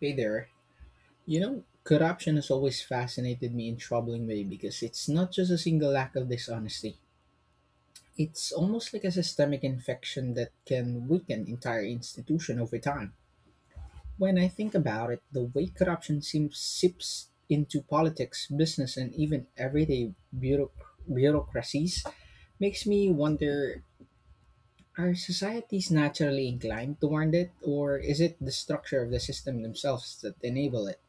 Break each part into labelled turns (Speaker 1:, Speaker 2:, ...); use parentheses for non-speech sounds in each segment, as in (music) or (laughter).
Speaker 1: Hey there. You know, corruption has always fascinated me in troubling way because it's not just a single lack of dishonesty. It's almost like a systemic infection that can weaken entire institution over time. When I think about it, the way corruption seems seeps into politics, business, and even everyday bureaucracies makes me wonder, are societies naturally inclined toward it, or is it the structure of the system themselves that enable it?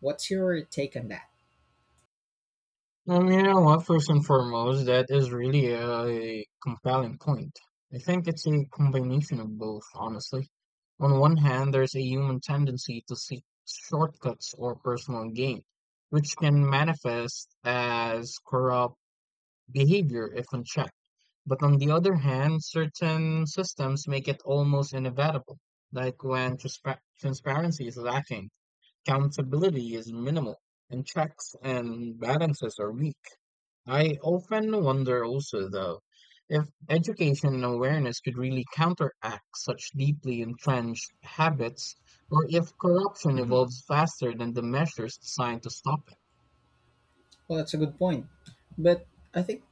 Speaker 1: What's your take on that?
Speaker 2: You know what? First and foremost, that is really a compelling point. I think it's a combination of both, honestly. On one hand, there's a human tendency to seek shortcuts or personal gain, which can manifest as corrupt behavior if unchecked. But on the other hand, certain systems make it almost inevitable, like when transparency is lacking, accountability is minimal, and checks and balances are weak. I often wonder also, though, if education and awareness could really counteract such deeply entrenched habits, or if corruption evolves faster than the measures designed to stop it.
Speaker 1: Well, that's a good point. But I think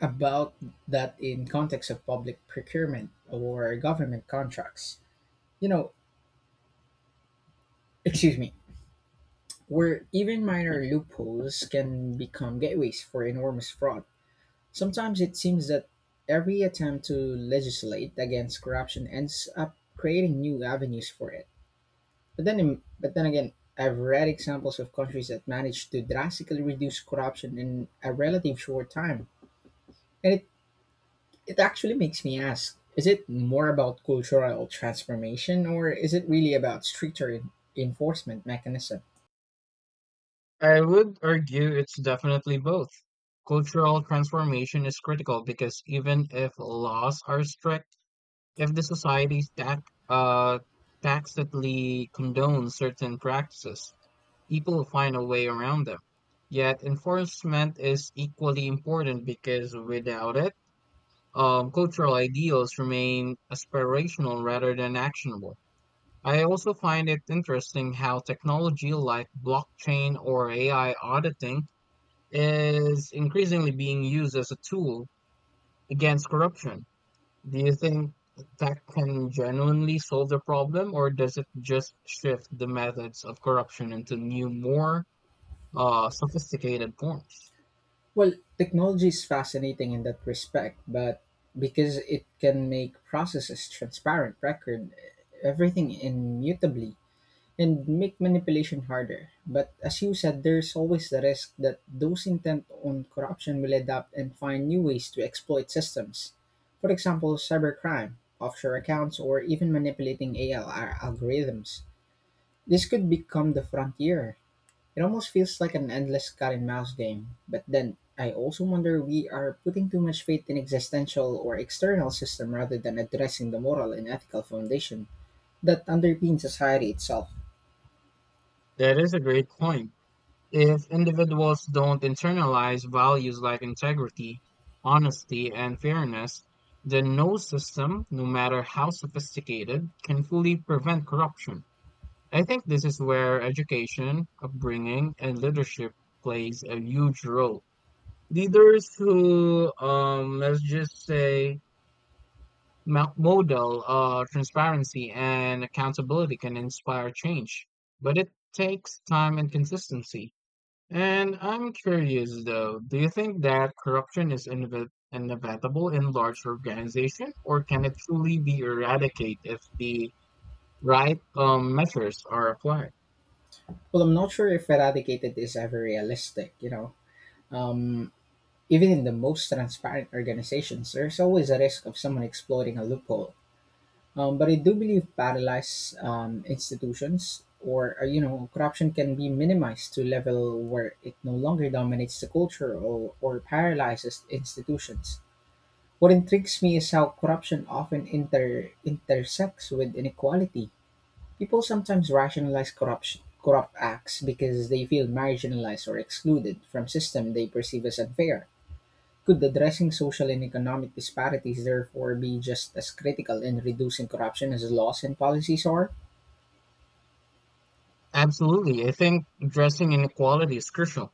Speaker 1: about that in context of public procurement or government contracts. You know, excuse me, where even minor loopholes can become gateways for enormous fraud. Sometimes it seems that every attempt to legislate against corruption ends up creating new avenues for it. But then again, I've read examples of countries that managed to drastically reduce corruption in a relative short time, and it actually makes me ask, is it more about cultural transformation or is it really about stricter enforcement mechanism?
Speaker 2: I would argue it's definitely both. Cultural transformation is critical because even if laws are strict, if the society tax, uh, tacitly condones certain practices, people find a way around them. Yet enforcement is equally important because without it, cultural ideals remain aspirational rather than actionable. I also find it interesting how technology like blockchain or AI auditing is increasingly being used as a tool against corruption. Do you think that can genuinely solve the problem, or does it just shift the methods of corruption into new, more sophisticated forms?
Speaker 1: Well, technology is fascinating in that respect, but because it can make processes transparent, record everything immutably, and make manipulation harder. But as you said, there's always the risk that those intent on corruption will adapt and find new ways to exploit systems. For example, cybercrime, offshore accounts, or even manipulating ALR algorithms. This could become the frontier. It almost feels like an endless cat and mouse game. But then, I also wonder, we are putting too much faith in existential or external system rather than addressing the moral and ethical foundation that underpins society itself.
Speaker 2: That is a great point. If individuals don't internalize values like integrity, honesty, and fairness, then no system, no matter how sophisticated, can fully prevent corruption. I think this is where education, upbringing, and leadership plays a huge role. Leaders who, let's just say, model of transparency and accountability can inspire change, but it takes time and consistency. And I'm curious though, do you think that corruption is inevitable in large organizations, or can it truly be eradicated if the right measures are applied?
Speaker 1: Well, I'm not sure if eradicated is ever realistic, you know. Um, Even in the most transparent organizations, there's always a risk of someone exploiting a loophole. But I do believe paralyzed institutions or, corruption can be minimized to a level where it no longer dominates the culture or paralyzes institutions. What intrigues me is how corruption often intersects with inequality. People sometimes rationalize corrupt acts because they feel marginalized or excluded from systems they perceive as unfair. Could addressing social and economic disparities therefore be just as critical in reducing corruption as laws and policies are?
Speaker 2: Absolutely. I think addressing inequality is crucial.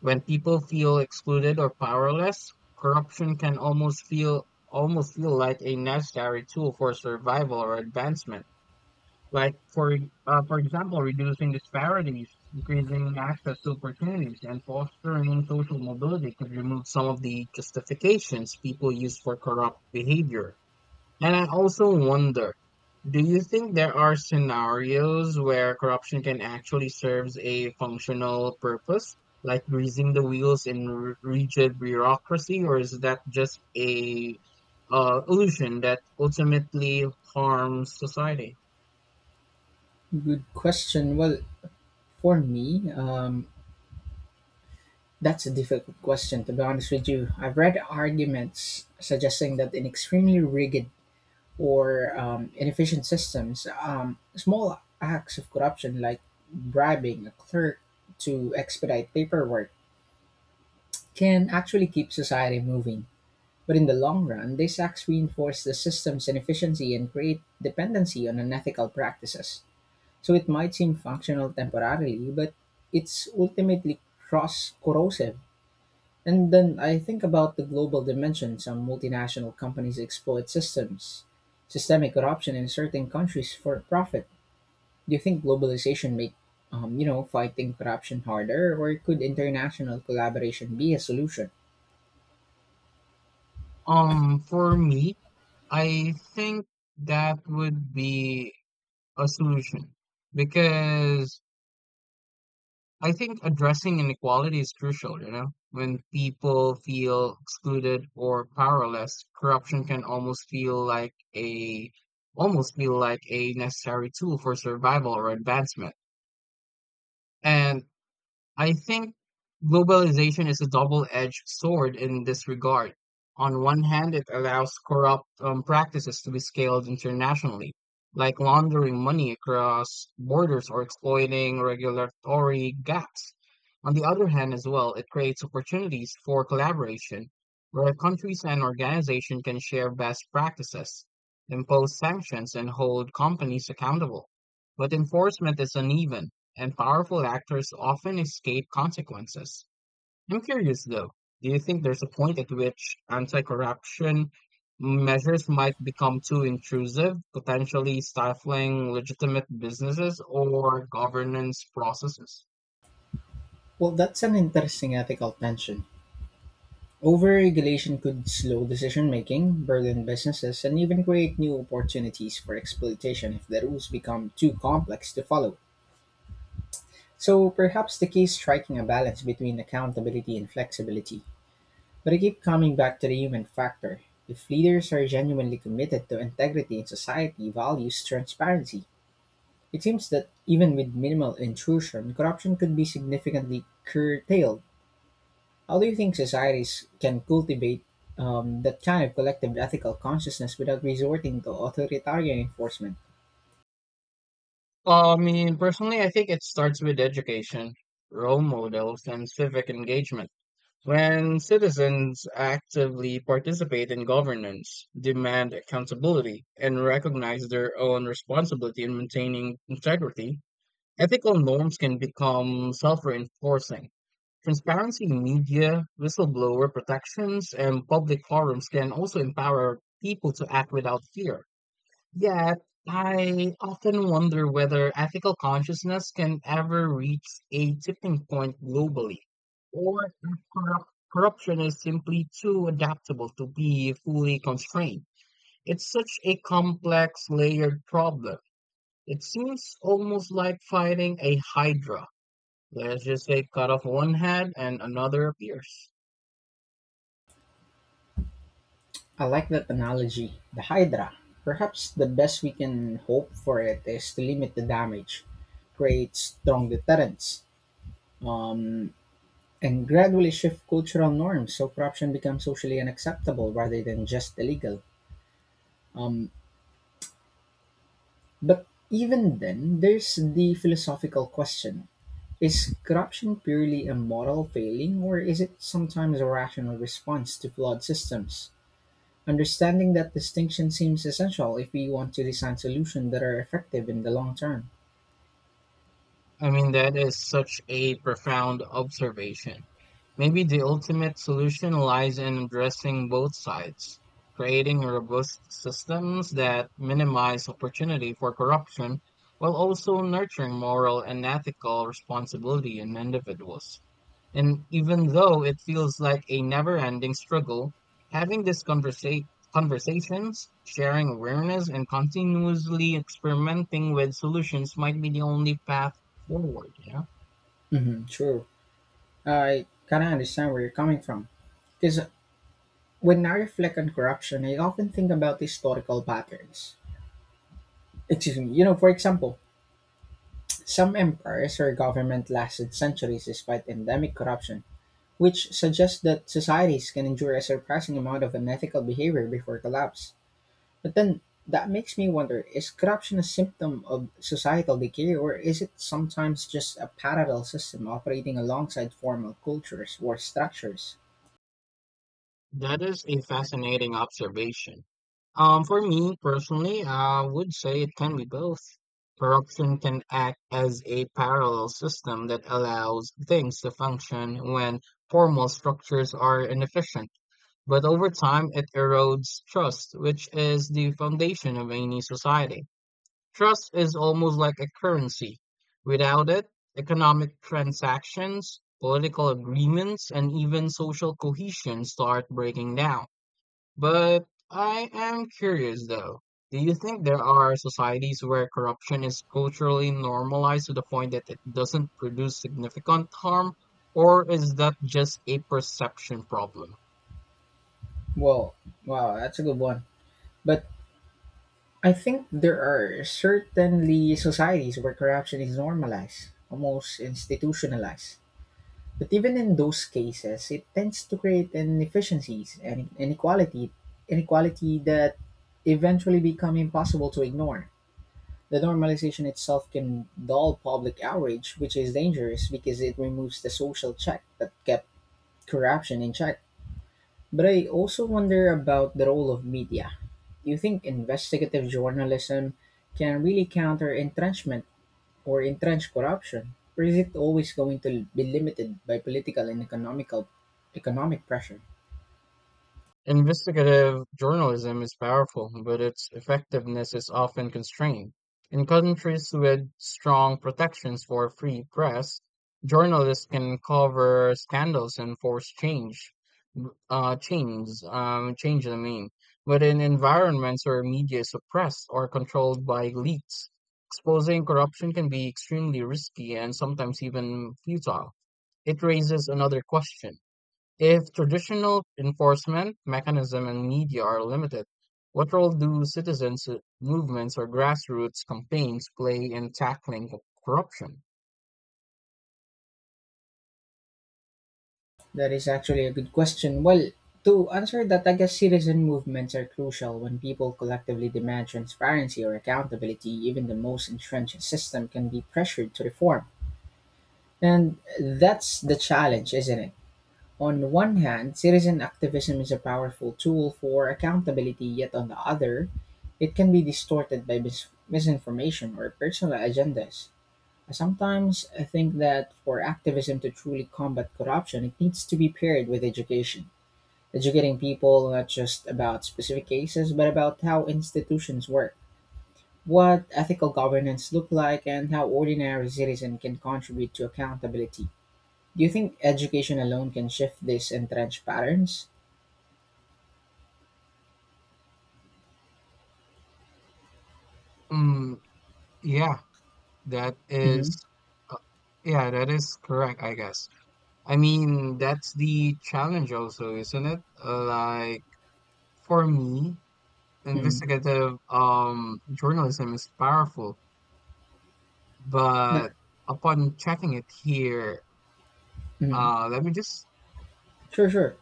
Speaker 2: When people feel excluded or powerless, corruption can almost feel like a necessary tool for survival or advancement. Like for example, reducing disparities, increasing access to opportunities, and fostering social mobility could remove some of the justifications people use for corrupt behavior. And I also wonder, do you think there are scenarios where corruption can actually serves a functional purpose, like greasing the wheels in rigid bureaucracy, or is that just a illusion that ultimately harms society?
Speaker 1: Good question. Well, for me, that's a difficult question, to be honest with you. I've read arguments suggesting that an extremely rigid or inefficient systems. Small acts of corruption, like bribing a clerk to expedite paperwork, can actually keep society moving. But in the long run, these acts reinforce the system's inefficiency and create dependency on unethical practices. So it might seem functional temporarily, but it's ultimately cross corrosive. And then I think about the global dimension. Some multinational companies exploit systemic corruption in certain countries for profit. Do you think globalization make, fighting corruption harder, or could international collaboration be a solution?
Speaker 2: For me, I think that would be a solution because I think addressing inequality is crucial, you know. When people feel excluded or powerless, corruption can almost feel like a necessary tool for survival or advancement. And I think globalization is a double-edged sword in this regard. On one hand, it allows corrupt practices to be scaled internationally, like laundering money across borders or exploiting regulatory gaps. On the other hand, as well, it creates opportunities for collaboration, where countries and organizations can share best practices, impose sanctions, and hold companies accountable. But enforcement is uneven and powerful actors often escape consequences. I'm curious though, do you think there's a point at which anti corruption measures might become too intrusive, potentially stifling legitimate businesses or governance processes?
Speaker 1: Well, that's an interesting ethical tension. Overregulation could slow decision making, burden businesses, and even create new opportunities for exploitation if the rules become too complex to follow. So perhaps the key is striking a balance between accountability and flexibility. But I keep coming back to the human factor. If leaders are genuinely committed to integrity and society values transparency, it seems that even with minimal intrusion, corruption could be significantly curtailed. How do you think societies can cultivate that kind of collective ethical consciousness without resorting to authoritarian enforcement?
Speaker 2: I mean, personally, I think it starts with education, role models, and civic engagement. When citizens actively participate in governance, demand accountability, and recognize their own responsibility in maintaining integrity, ethical norms can become self reinforcing. Transparency in media, whistleblower protections, and public forums can also empower people to act without fear. Yet, I often wonder whether ethical consciousness can ever reach a tipping point globally, or if corrup- corruption is simply too adaptable to be fully constrained. It's such a complex, layered problem. It seems almost like fighting a hydra. Let's just say cut off one head and another appears.
Speaker 1: I like that analogy. The Hydra. Perhaps the best we can hope for it is to limit the damage, create strong deterrence, um, and gradually shift cultural norms so corruption becomes socially unacceptable rather than just illegal. Um, but even then, there's the philosophical question. Is corruption purely a moral failing, or is it sometimes a rational response to flawed systems? Understanding that distinction seems essential if we want to design solutions that are effective in the long term.
Speaker 2: I mean, that is such a profound observation. Maybe the ultimate solution lies in addressing both sides, creating robust systems that minimize opportunity for corruption while also nurturing moral and ethical responsibility in individuals. And even though it feels like a never ending struggle, having these conversations, sharing awareness, and continuously experimenting with solutions might be the only path forward. Yeah,
Speaker 1: Hmm, true. I kind of understand where you're coming from. Because when I reflect on corruption, I often think about historical patterns. Excuse me, you know, for example, some empires or government lasted centuries despite endemic corruption, which suggests that societies can endure a surprising amount of unethical behavior before collapse. But then that makes me wonder, is corruption a symptom of societal decay, or is it sometimes just a parallel system operating alongside formal cultures or structures?
Speaker 2: that is a fascinating observation. For me personally, I would say it can be both. Corruption can act as a parallel system that allows things to function when formal structures are inefficient. But over time, it erodes trust, which is the foundation of any society. Trust is almost like a currency. Without it, economic transactions, political agreements, and even social cohesion start breaking down. But I am curious though. Do you think there are societies where corruption is culturally normalized to the point that it doesn't produce significant harm, or is that just a perception problem?
Speaker 1: Well, wow, that's a good one. But I think there are certainly societies where corruption is normalized, almost institutionalized. But even in those cases, it tends to create inefficiencies and inequality that eventually become impossible to ignore. The normalization itself can dull public outrage, which is dangerous because it removes the social check that kept corruption in check. But I also wonder about the role of media. Do you think investigative journalism can really counter entrenchment or entrench corruption? Or is it always going to be limited by political and economic pressure?
Speaker 2: Investigative journalism is powerful, but its effectiveness is often constrained. In countries with strong protections for free press, journalists can cover scandals and force change, change, change the mean. But in environments where media is suppressed or controlled by elites, exposing corruption can be extremely risky and sometimes even futile. It raises another question. If traditional enforcement mechanism and media are limited, what role do citizens movements or grassroots campaigns play in tackling corruption?
Speaker 1: That is actually a good question. Well, to answer that, I guess citizen movements are crucial when people collectively demand transparency or accountability. Even the most entrenched system can be pressured to reform. And that's the challenge, isn't it? On one hand, citizen activism is a powerful tool for accountability, yet on the other, it can be distorted by misinformation or personal agendas. I sometimes think that for activism to truly combat corruption, it needs to be paired with education, educating people not just about specific cases but about how institutions work, what ethical governance look like, and how ordinary citizens can contribute to accountability. Do you think education alone can shift these entrenched patterns?
Speaker 2: Mm, yeah, that is
Speaker 1: Mm-hmm.
Speaker 2: uh, yeah, that is correct, I guess. I mean, that's the challenge also, isn't it? Like for me,
Speaker 1: Mm.
Speaker 2: investigative journalism is powerful,
Speaker 1: Yeah.
Speaker 2: but upon checking it here,
Speaker 1: Mm.
Speaker 2: uh, let me just
Speaker 1: Sure, sure.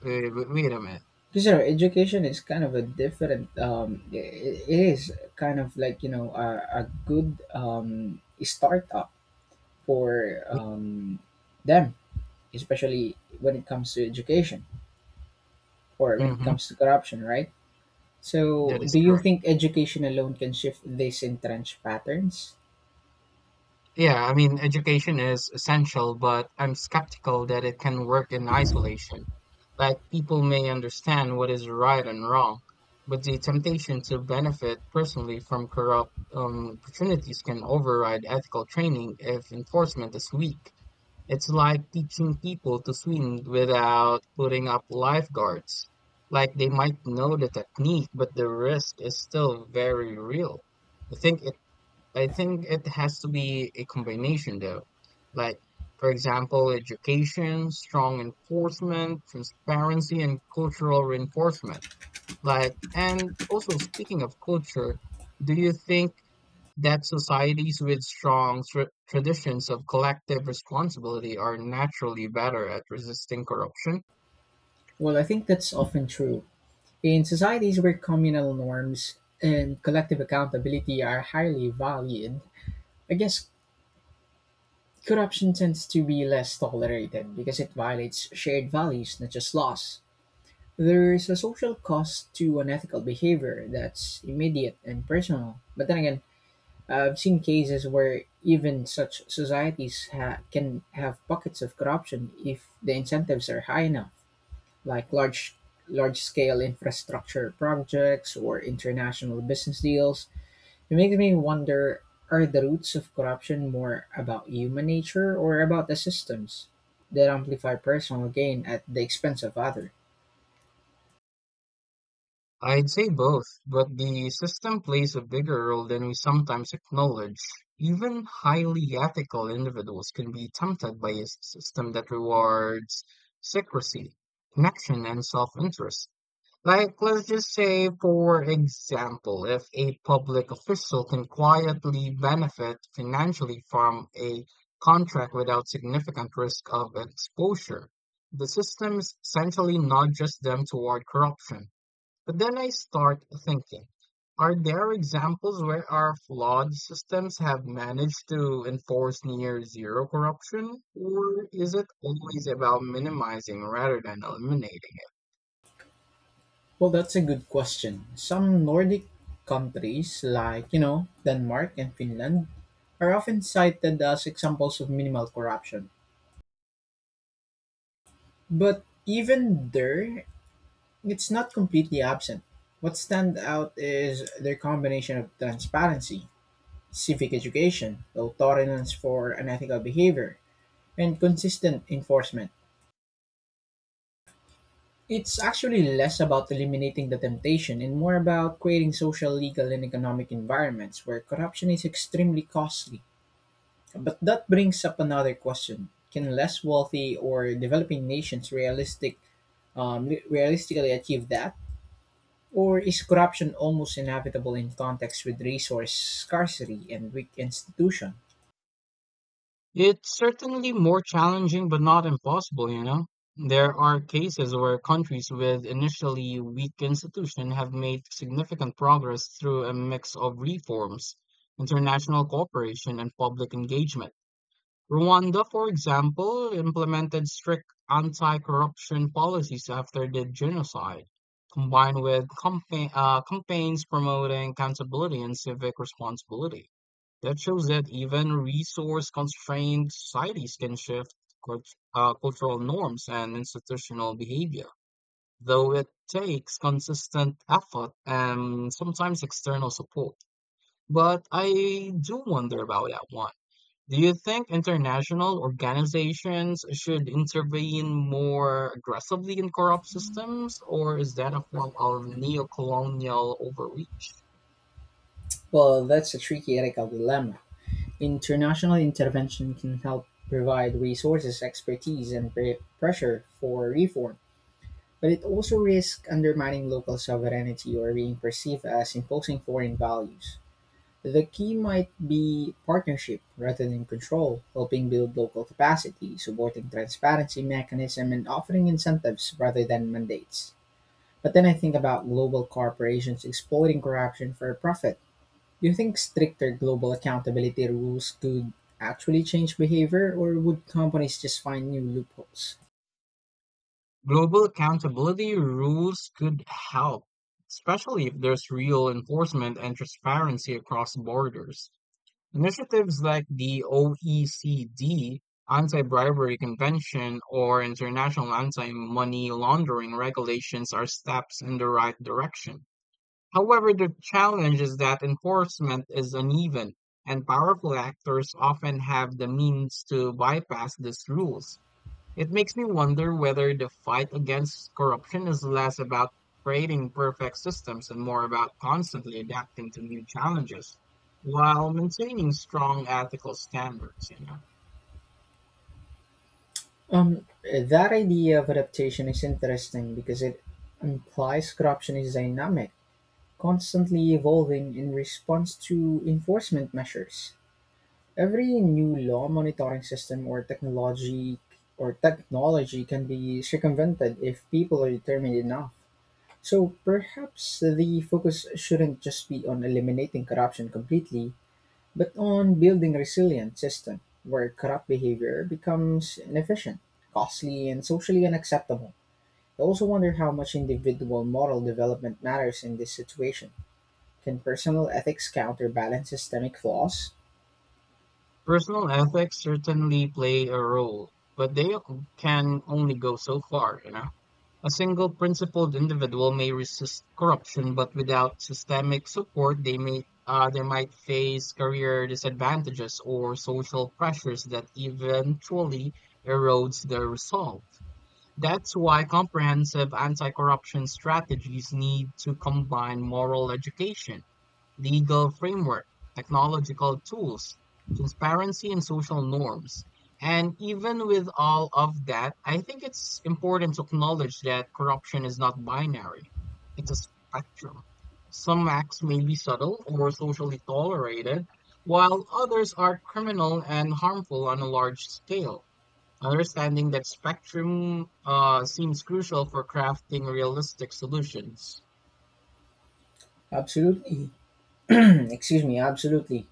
Speaker 2: wait, wait, wait a minute.
Speaker 1: Because you know, education is kind of a different. It it is kind of like, you know, a good startup for them, especially when it comes to education. Or when it
Speaker 2: Mhm.
Speaker 1: comes to corruption, right?
Speaker 2: That
Speaker 1: So,
Speaker 2: is
Speaker 1: do you
Speaker 2: correct.
Speaker 1: think education alone can shift these entrenched patterns?
Speaker 2: Yeah, I mean, education is essential, but I'm skeptical that it can work in isolation. Like, people may understand what is right and wrong, but the temptation to benefit personally from corrupt opportunities can override ethical training if enforcement is weak. It's like teaching people to swim without putting up lifeguards. Like, they might know the technique, but the risk is still very real. I think it I think it has to be a combination though. Like, for example, education, strong enforcement, transparency and cultural reinforcement. Like, and also speaking of culture, do you think that societies with strong traditions of collective responsibility are naturally better at resisting corruption?
Speaker 1: Well, I think that's often true. In societies where communal norms and collective accountability are highly valued, I guess corruption tends to be less tolerated because it violates shared values, not just laws. There's a social cost to unethical behavior that's immediate and personal. But then again, I've seen cases where even such societies can have pockets of corruption if the incentives are high enough, like large scale infrastructure projects or international business deals. It makes me wonder, are the roots of corruption more about human nature or about the systems that amplify personal gain at the expense of others?
Speaker 2: I'd say both, but the system plays a bigger role than we sometimes acknowledge. Even highly ethical individuals can be tempted by a system that rewards secrecy, connection, and self interest. Like, let's just say, for example, if a public official can quietly benefit financially from a contract without significant risk of exposure, the system essentially nudges them toward corruption. But then I start thinking, are there examples where our flawed systems have managed to enforce near zero corruption? Or is it always about minimizing rather than eliminating?
Speaker 1: Well, that's a good question. Some Nordic countries, like, you know, Denmark and Finland, are often cited as examples of minimal corruption. But even there, it's not completely absent. What stands out is their combination of transparency, civic education, low tolerance for unethical behavior, and consistent enforcement. It's actually less about eliminating the temptation and more about creating social, legal, and economic environments where corruption is extremely costly. But that brings up another question: can less wealthy or developing nations realistically achieve that, or is corruption almost inevitable in context with resource scarcity and weak institution?
Speaker 2: It's certainly more challenging, but not impossible, you know? There are cases where countries with initially weak institutions have made significant progress through a mix of reforms, international cooperation, and public engagement. Rwanda, for example, implemented strict anti corruption policies after the genocide, combined with campaigns promoting accountability and civic responsibility. That shows that even resource constrained societies can shift cult- cultural norms and institutional behavior, though it takes consistent effort and sometimes external support. But I do wonder about that one, do you think international organizations should intervene more aggressively in corrupt systems, or is that a form of neo-colonial overreach?
Speaker 1: Well, that's a tricky ethical dilemma. International intervention can help provide resources, expertise, and pressure for reform, but it also risks undermining local sovereignty or being perceived as imposing foreign values. The key might be partnership rather than control, helping build local capacity, supporting transparency mechanism, and offering incentives rather than mandates. But then I think about global corporations exploiting corruption for profit, do you think stricter global accountability rules could actually change behavior, or would companies just find new loopholes?
Speaker 2: Global accountability rules could help, especially if there's real enforcement and transparency across borders. Initiatives like the OECD Anti-Bribery Convention or international anti-money laundering regulations are steps in the right direction. However, the challenge is that enforcement is uneven, and powerful actors often have the means to bypass these rules. It makes me wonder whether the fight against corruption is less about creating perfect systems and more about constantly adapting to new challenges while maintaining strong ethical standards. You know,
Speaker 1: That idea of adaptation is interesting because it implies corruption is dynamic, constantly evolving in response to enforcement measures. Every new law monitoring system or technology can be circumvented if people are determined enough. So perhaps the focus shouldn't just be on eliminating corruption completely, but on building resilient system where corrupt behavior becomes inefficient, costly, and socially unacceptable. I also wonder how much individual moral development matters in this situation. Can personal ethics counterbalance systemic flaws?
Speaker 2: personal ethics certainly play a role, but they can only go so far. You know. A single principled individual may resist corruption, but without systemic support, they might face career disadvantages or social pressures that eventually erodes their resolve. That's why comprehensive anti-corruption strategies need to combine moral education, legal framework, technological tools, transparency, and social norms. And even with all of that, I think it's important to acknowledge that corruption is not binary, it's a spectrum. Some acts may be subtle or socially tolerated, while others are criminal and harmful on a large scale. Understanding that spectrum seems crucial for crafting realistic solutions.
Speaker 1: Absolutely. (clears throat) Excuse me, absolutely.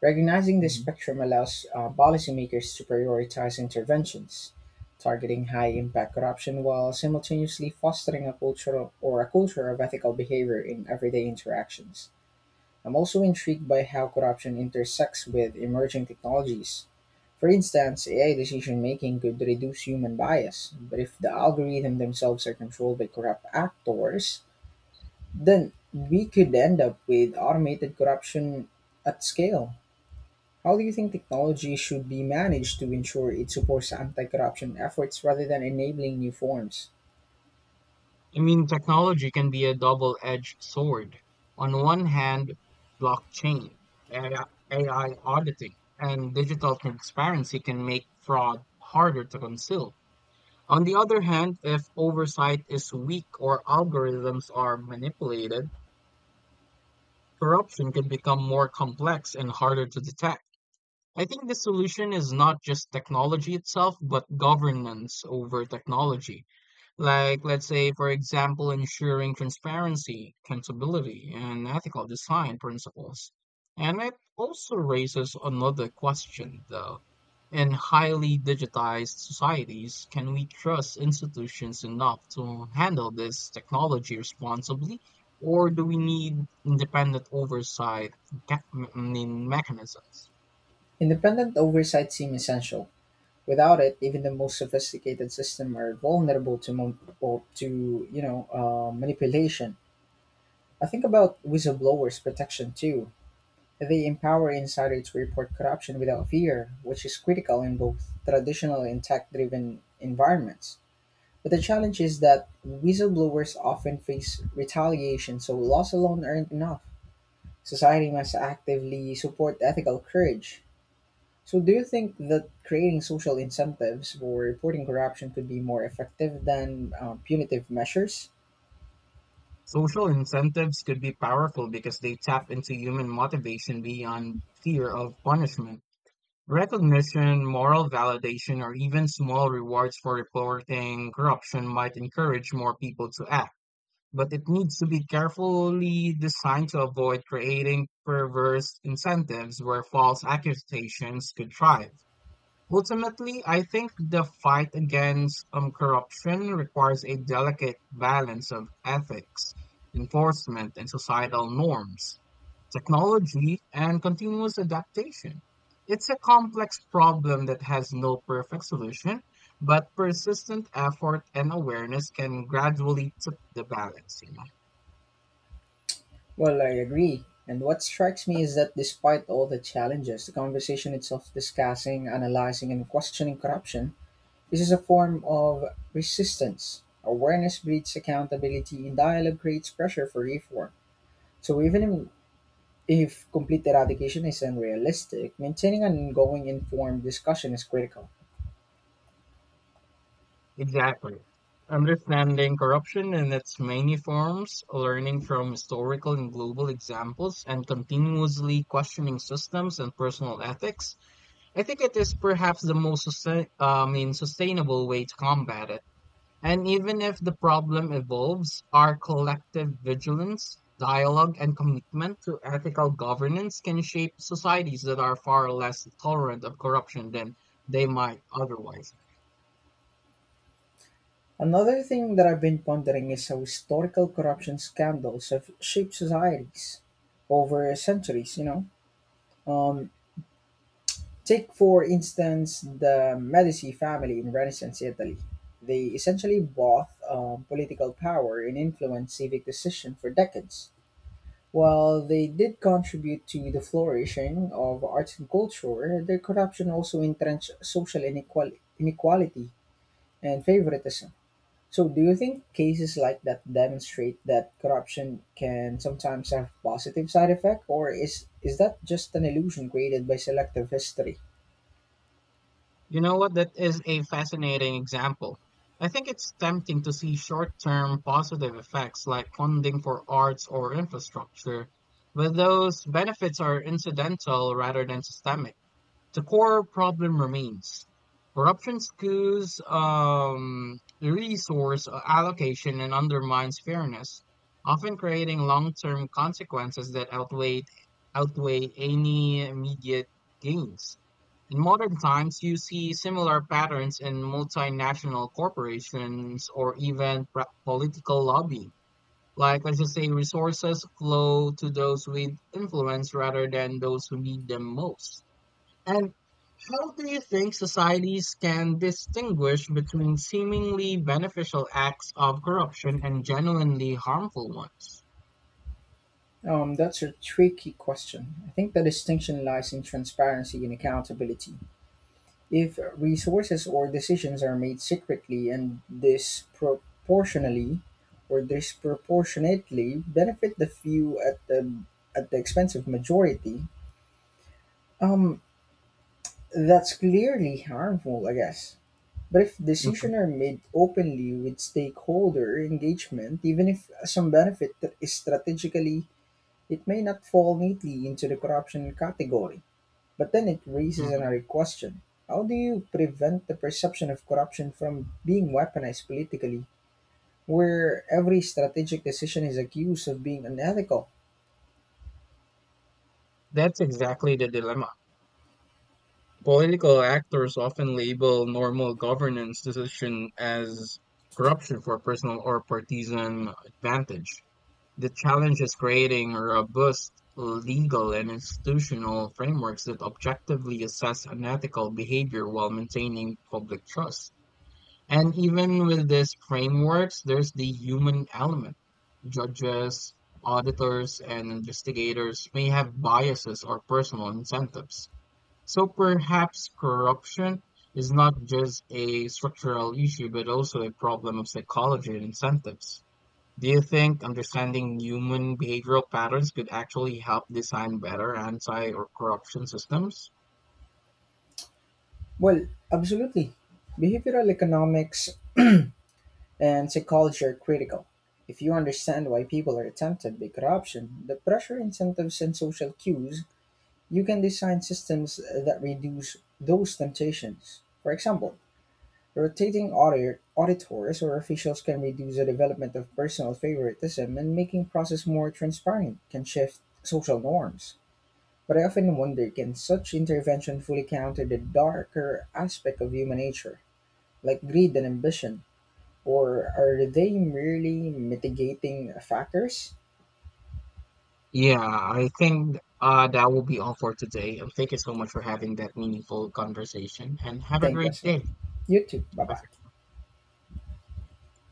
Speaker 1: Recognizing this spectrum allows policymakers to prioritize interventions targeting high-impact corruption while simultaneously fostering a culture of ethical behavior in everyday interactions. I'm also intrigued by how corruption intersects with emerging technologies. For instance, AI decision making could reduce human bias, but if the algorithm themselves are controlled by corrupt actors, then we could end up with automated corruption at scale. How do you think technology should be managed to ensure it supports anti corruption efforts rather than enabling new forms?
Speaker 2: I mean, technology can be a double-edged sword. On one hand, blockchain, AI, auditing, and digital transparency can make fraud harder to conceal. On the other hand, if oversight is weak or algorithms are manipulated, corruption can become more complex and harder to detect. I think the solution is not just technology itself, but governance over technology. Like, let's say, for example, ensuring transparency, accountability, and ethical design principles. And it also raises another question, though. In highly digitized societies, can we trust institutions enough to handle this technology responsibly, or do we need independent oversight mechanisms?
Speaker 1: Independent oversight seems essential. Without it, even the most sophisticated systems are vulnerable to, mon- or to you know, manipulation. I think about whistleblowers' protection too. They empower insiders to report corruption without fear, which is critical in both traditional and tech driven environments. But the challenge is that whistleblowers often face retaliation, so laws alone aren't enough. Society must actively support ethical courage. So, do you think that creating social incentives for reporting corruption could be more effective than punitive measures?
Speaker 2: Social incentives could be powerful because they tap into human motivation beyond fear of punishment. Recognition, moral validation, or even small rewards for reporting corruption might encourage more people to act, but it needs to be carefully designed to avoid creating perverse incentives where false accusations could thrive. Ultimately, I think the fight against corruption requires a delicate balance of ethics, enforcement, and societal norms, technology, and continuous adaptation. It's a complex problem that has no perfect solution, but persistent effort and awareness can gradually tip the balance, you know.
Speaker 1: Well, I agree. And what strikes me is that despite all the challenges, the conversation itself discussing, analyzing, and questioning corruption, this is a form of resistance. Awareness breeds accountability, and dialogue creates pressure for reform. So, even if complete eradication is unrealistic, maintaining an ongoing informed discussion is critical.
Speaker 2: Exactly. Understanding corruption in its many forms, learning from historical and global examples, and continuously questioning systems and personal ethics, I think it is perhaps the most sustainable way to combat it. And even if the problem evolves, our collective vigilance, dialogue, and commitment to ethical governance can shape societies that are far less tolerant of corruption than they might otherwise.
Speaker 1: Another thing that I've been pondering is how historical corruption scandals have shaped societies over centuries, you know. Um, Take, for instance, the Medici family in Renaissance Italy. They essentially bought political power and influenced civic decision for decades. While they did contribute to the flourishing of arts and culture, their corruption also entrenched social inequality and favoritism. So, do you think cases like that demonstrate that corruption can sometimes have positive side effect, or is that just an illusion created by selective history?
Speaker 2: You know what? That is a fascinating example. I think it's tempting to see short term positive effects like funding for arts or infrastructure, but those benefits are incidental rather than systemic. The core problem remains. Corruption skews the resource allocation and undermines fairness, often creating long-term consequences that outweigh any immediate gains. In modern times, you see similar patterns in multinational corporations or even political lobbying. Like, let's just say resources flow to those with influence rather than those who need them most. And how do you think societies can distinguish between seemingly beneficial acts of corruption and genuinely harmful ones?
Speaker 1: That's a tricky question. I think the distinction lies in transparency and accountability. If resources or decisions are made secretly and disproportionately or disproportionately benefit the few at the expense of majority, um, that's clearly harmful, I guess. But if
Speaker 2: Mhm,
Speaker 1: decisions are made openly with stakeholder engagement, even if some benefit that is strategically, it may not fall neatly into the corruption category, but then it raises another
Speaker 2: mhm.
Speaker 1: question. How do you prevent the perception of corruption from being weaponized politically, where every strategic decision is accused of being unethical?
Speaker 2: That's exactly the dilemma. Political actors often label normal governance decision as corruption for personal or partisan advantage. The challenge is creating robust legal and institutional frameworks that objectively assess unethical behavior while maintaining public trust. And even with these frameworks, there's the human element. Judges, auditors, and investigators may have biases or personal incentives. So perhaps corruption is not just a structural issue, but also a problem of psychology and incentives. Do you think understanding human behavioral patterns could actually help design better anti or corruption systems?
Speaker 1: Well, absolutely. Behavioral economics and psychology are critical. If you understand why people are tempted by corruption, the pressure incentives and social cues, you can design systems that reduce those temptations. For example, rotating auditors or officials can reduce the development of personal favoritism and making process more transparent can shift social norms. But I often wonder, can such intervention fully counter the darker aspect of human nature, like greed and ambition, or are they merely mitigating factors?
Speaker 2: Yeah, I think that will be all for today. And thank you so much for having that meaningful conversation. And have a
Speaker 1: Thank you,
Speaker 2: great
Speaker 1: as well.
Speaker 2: day.
Speaker 1: You too. Bye bye.
Speaker 2: Bye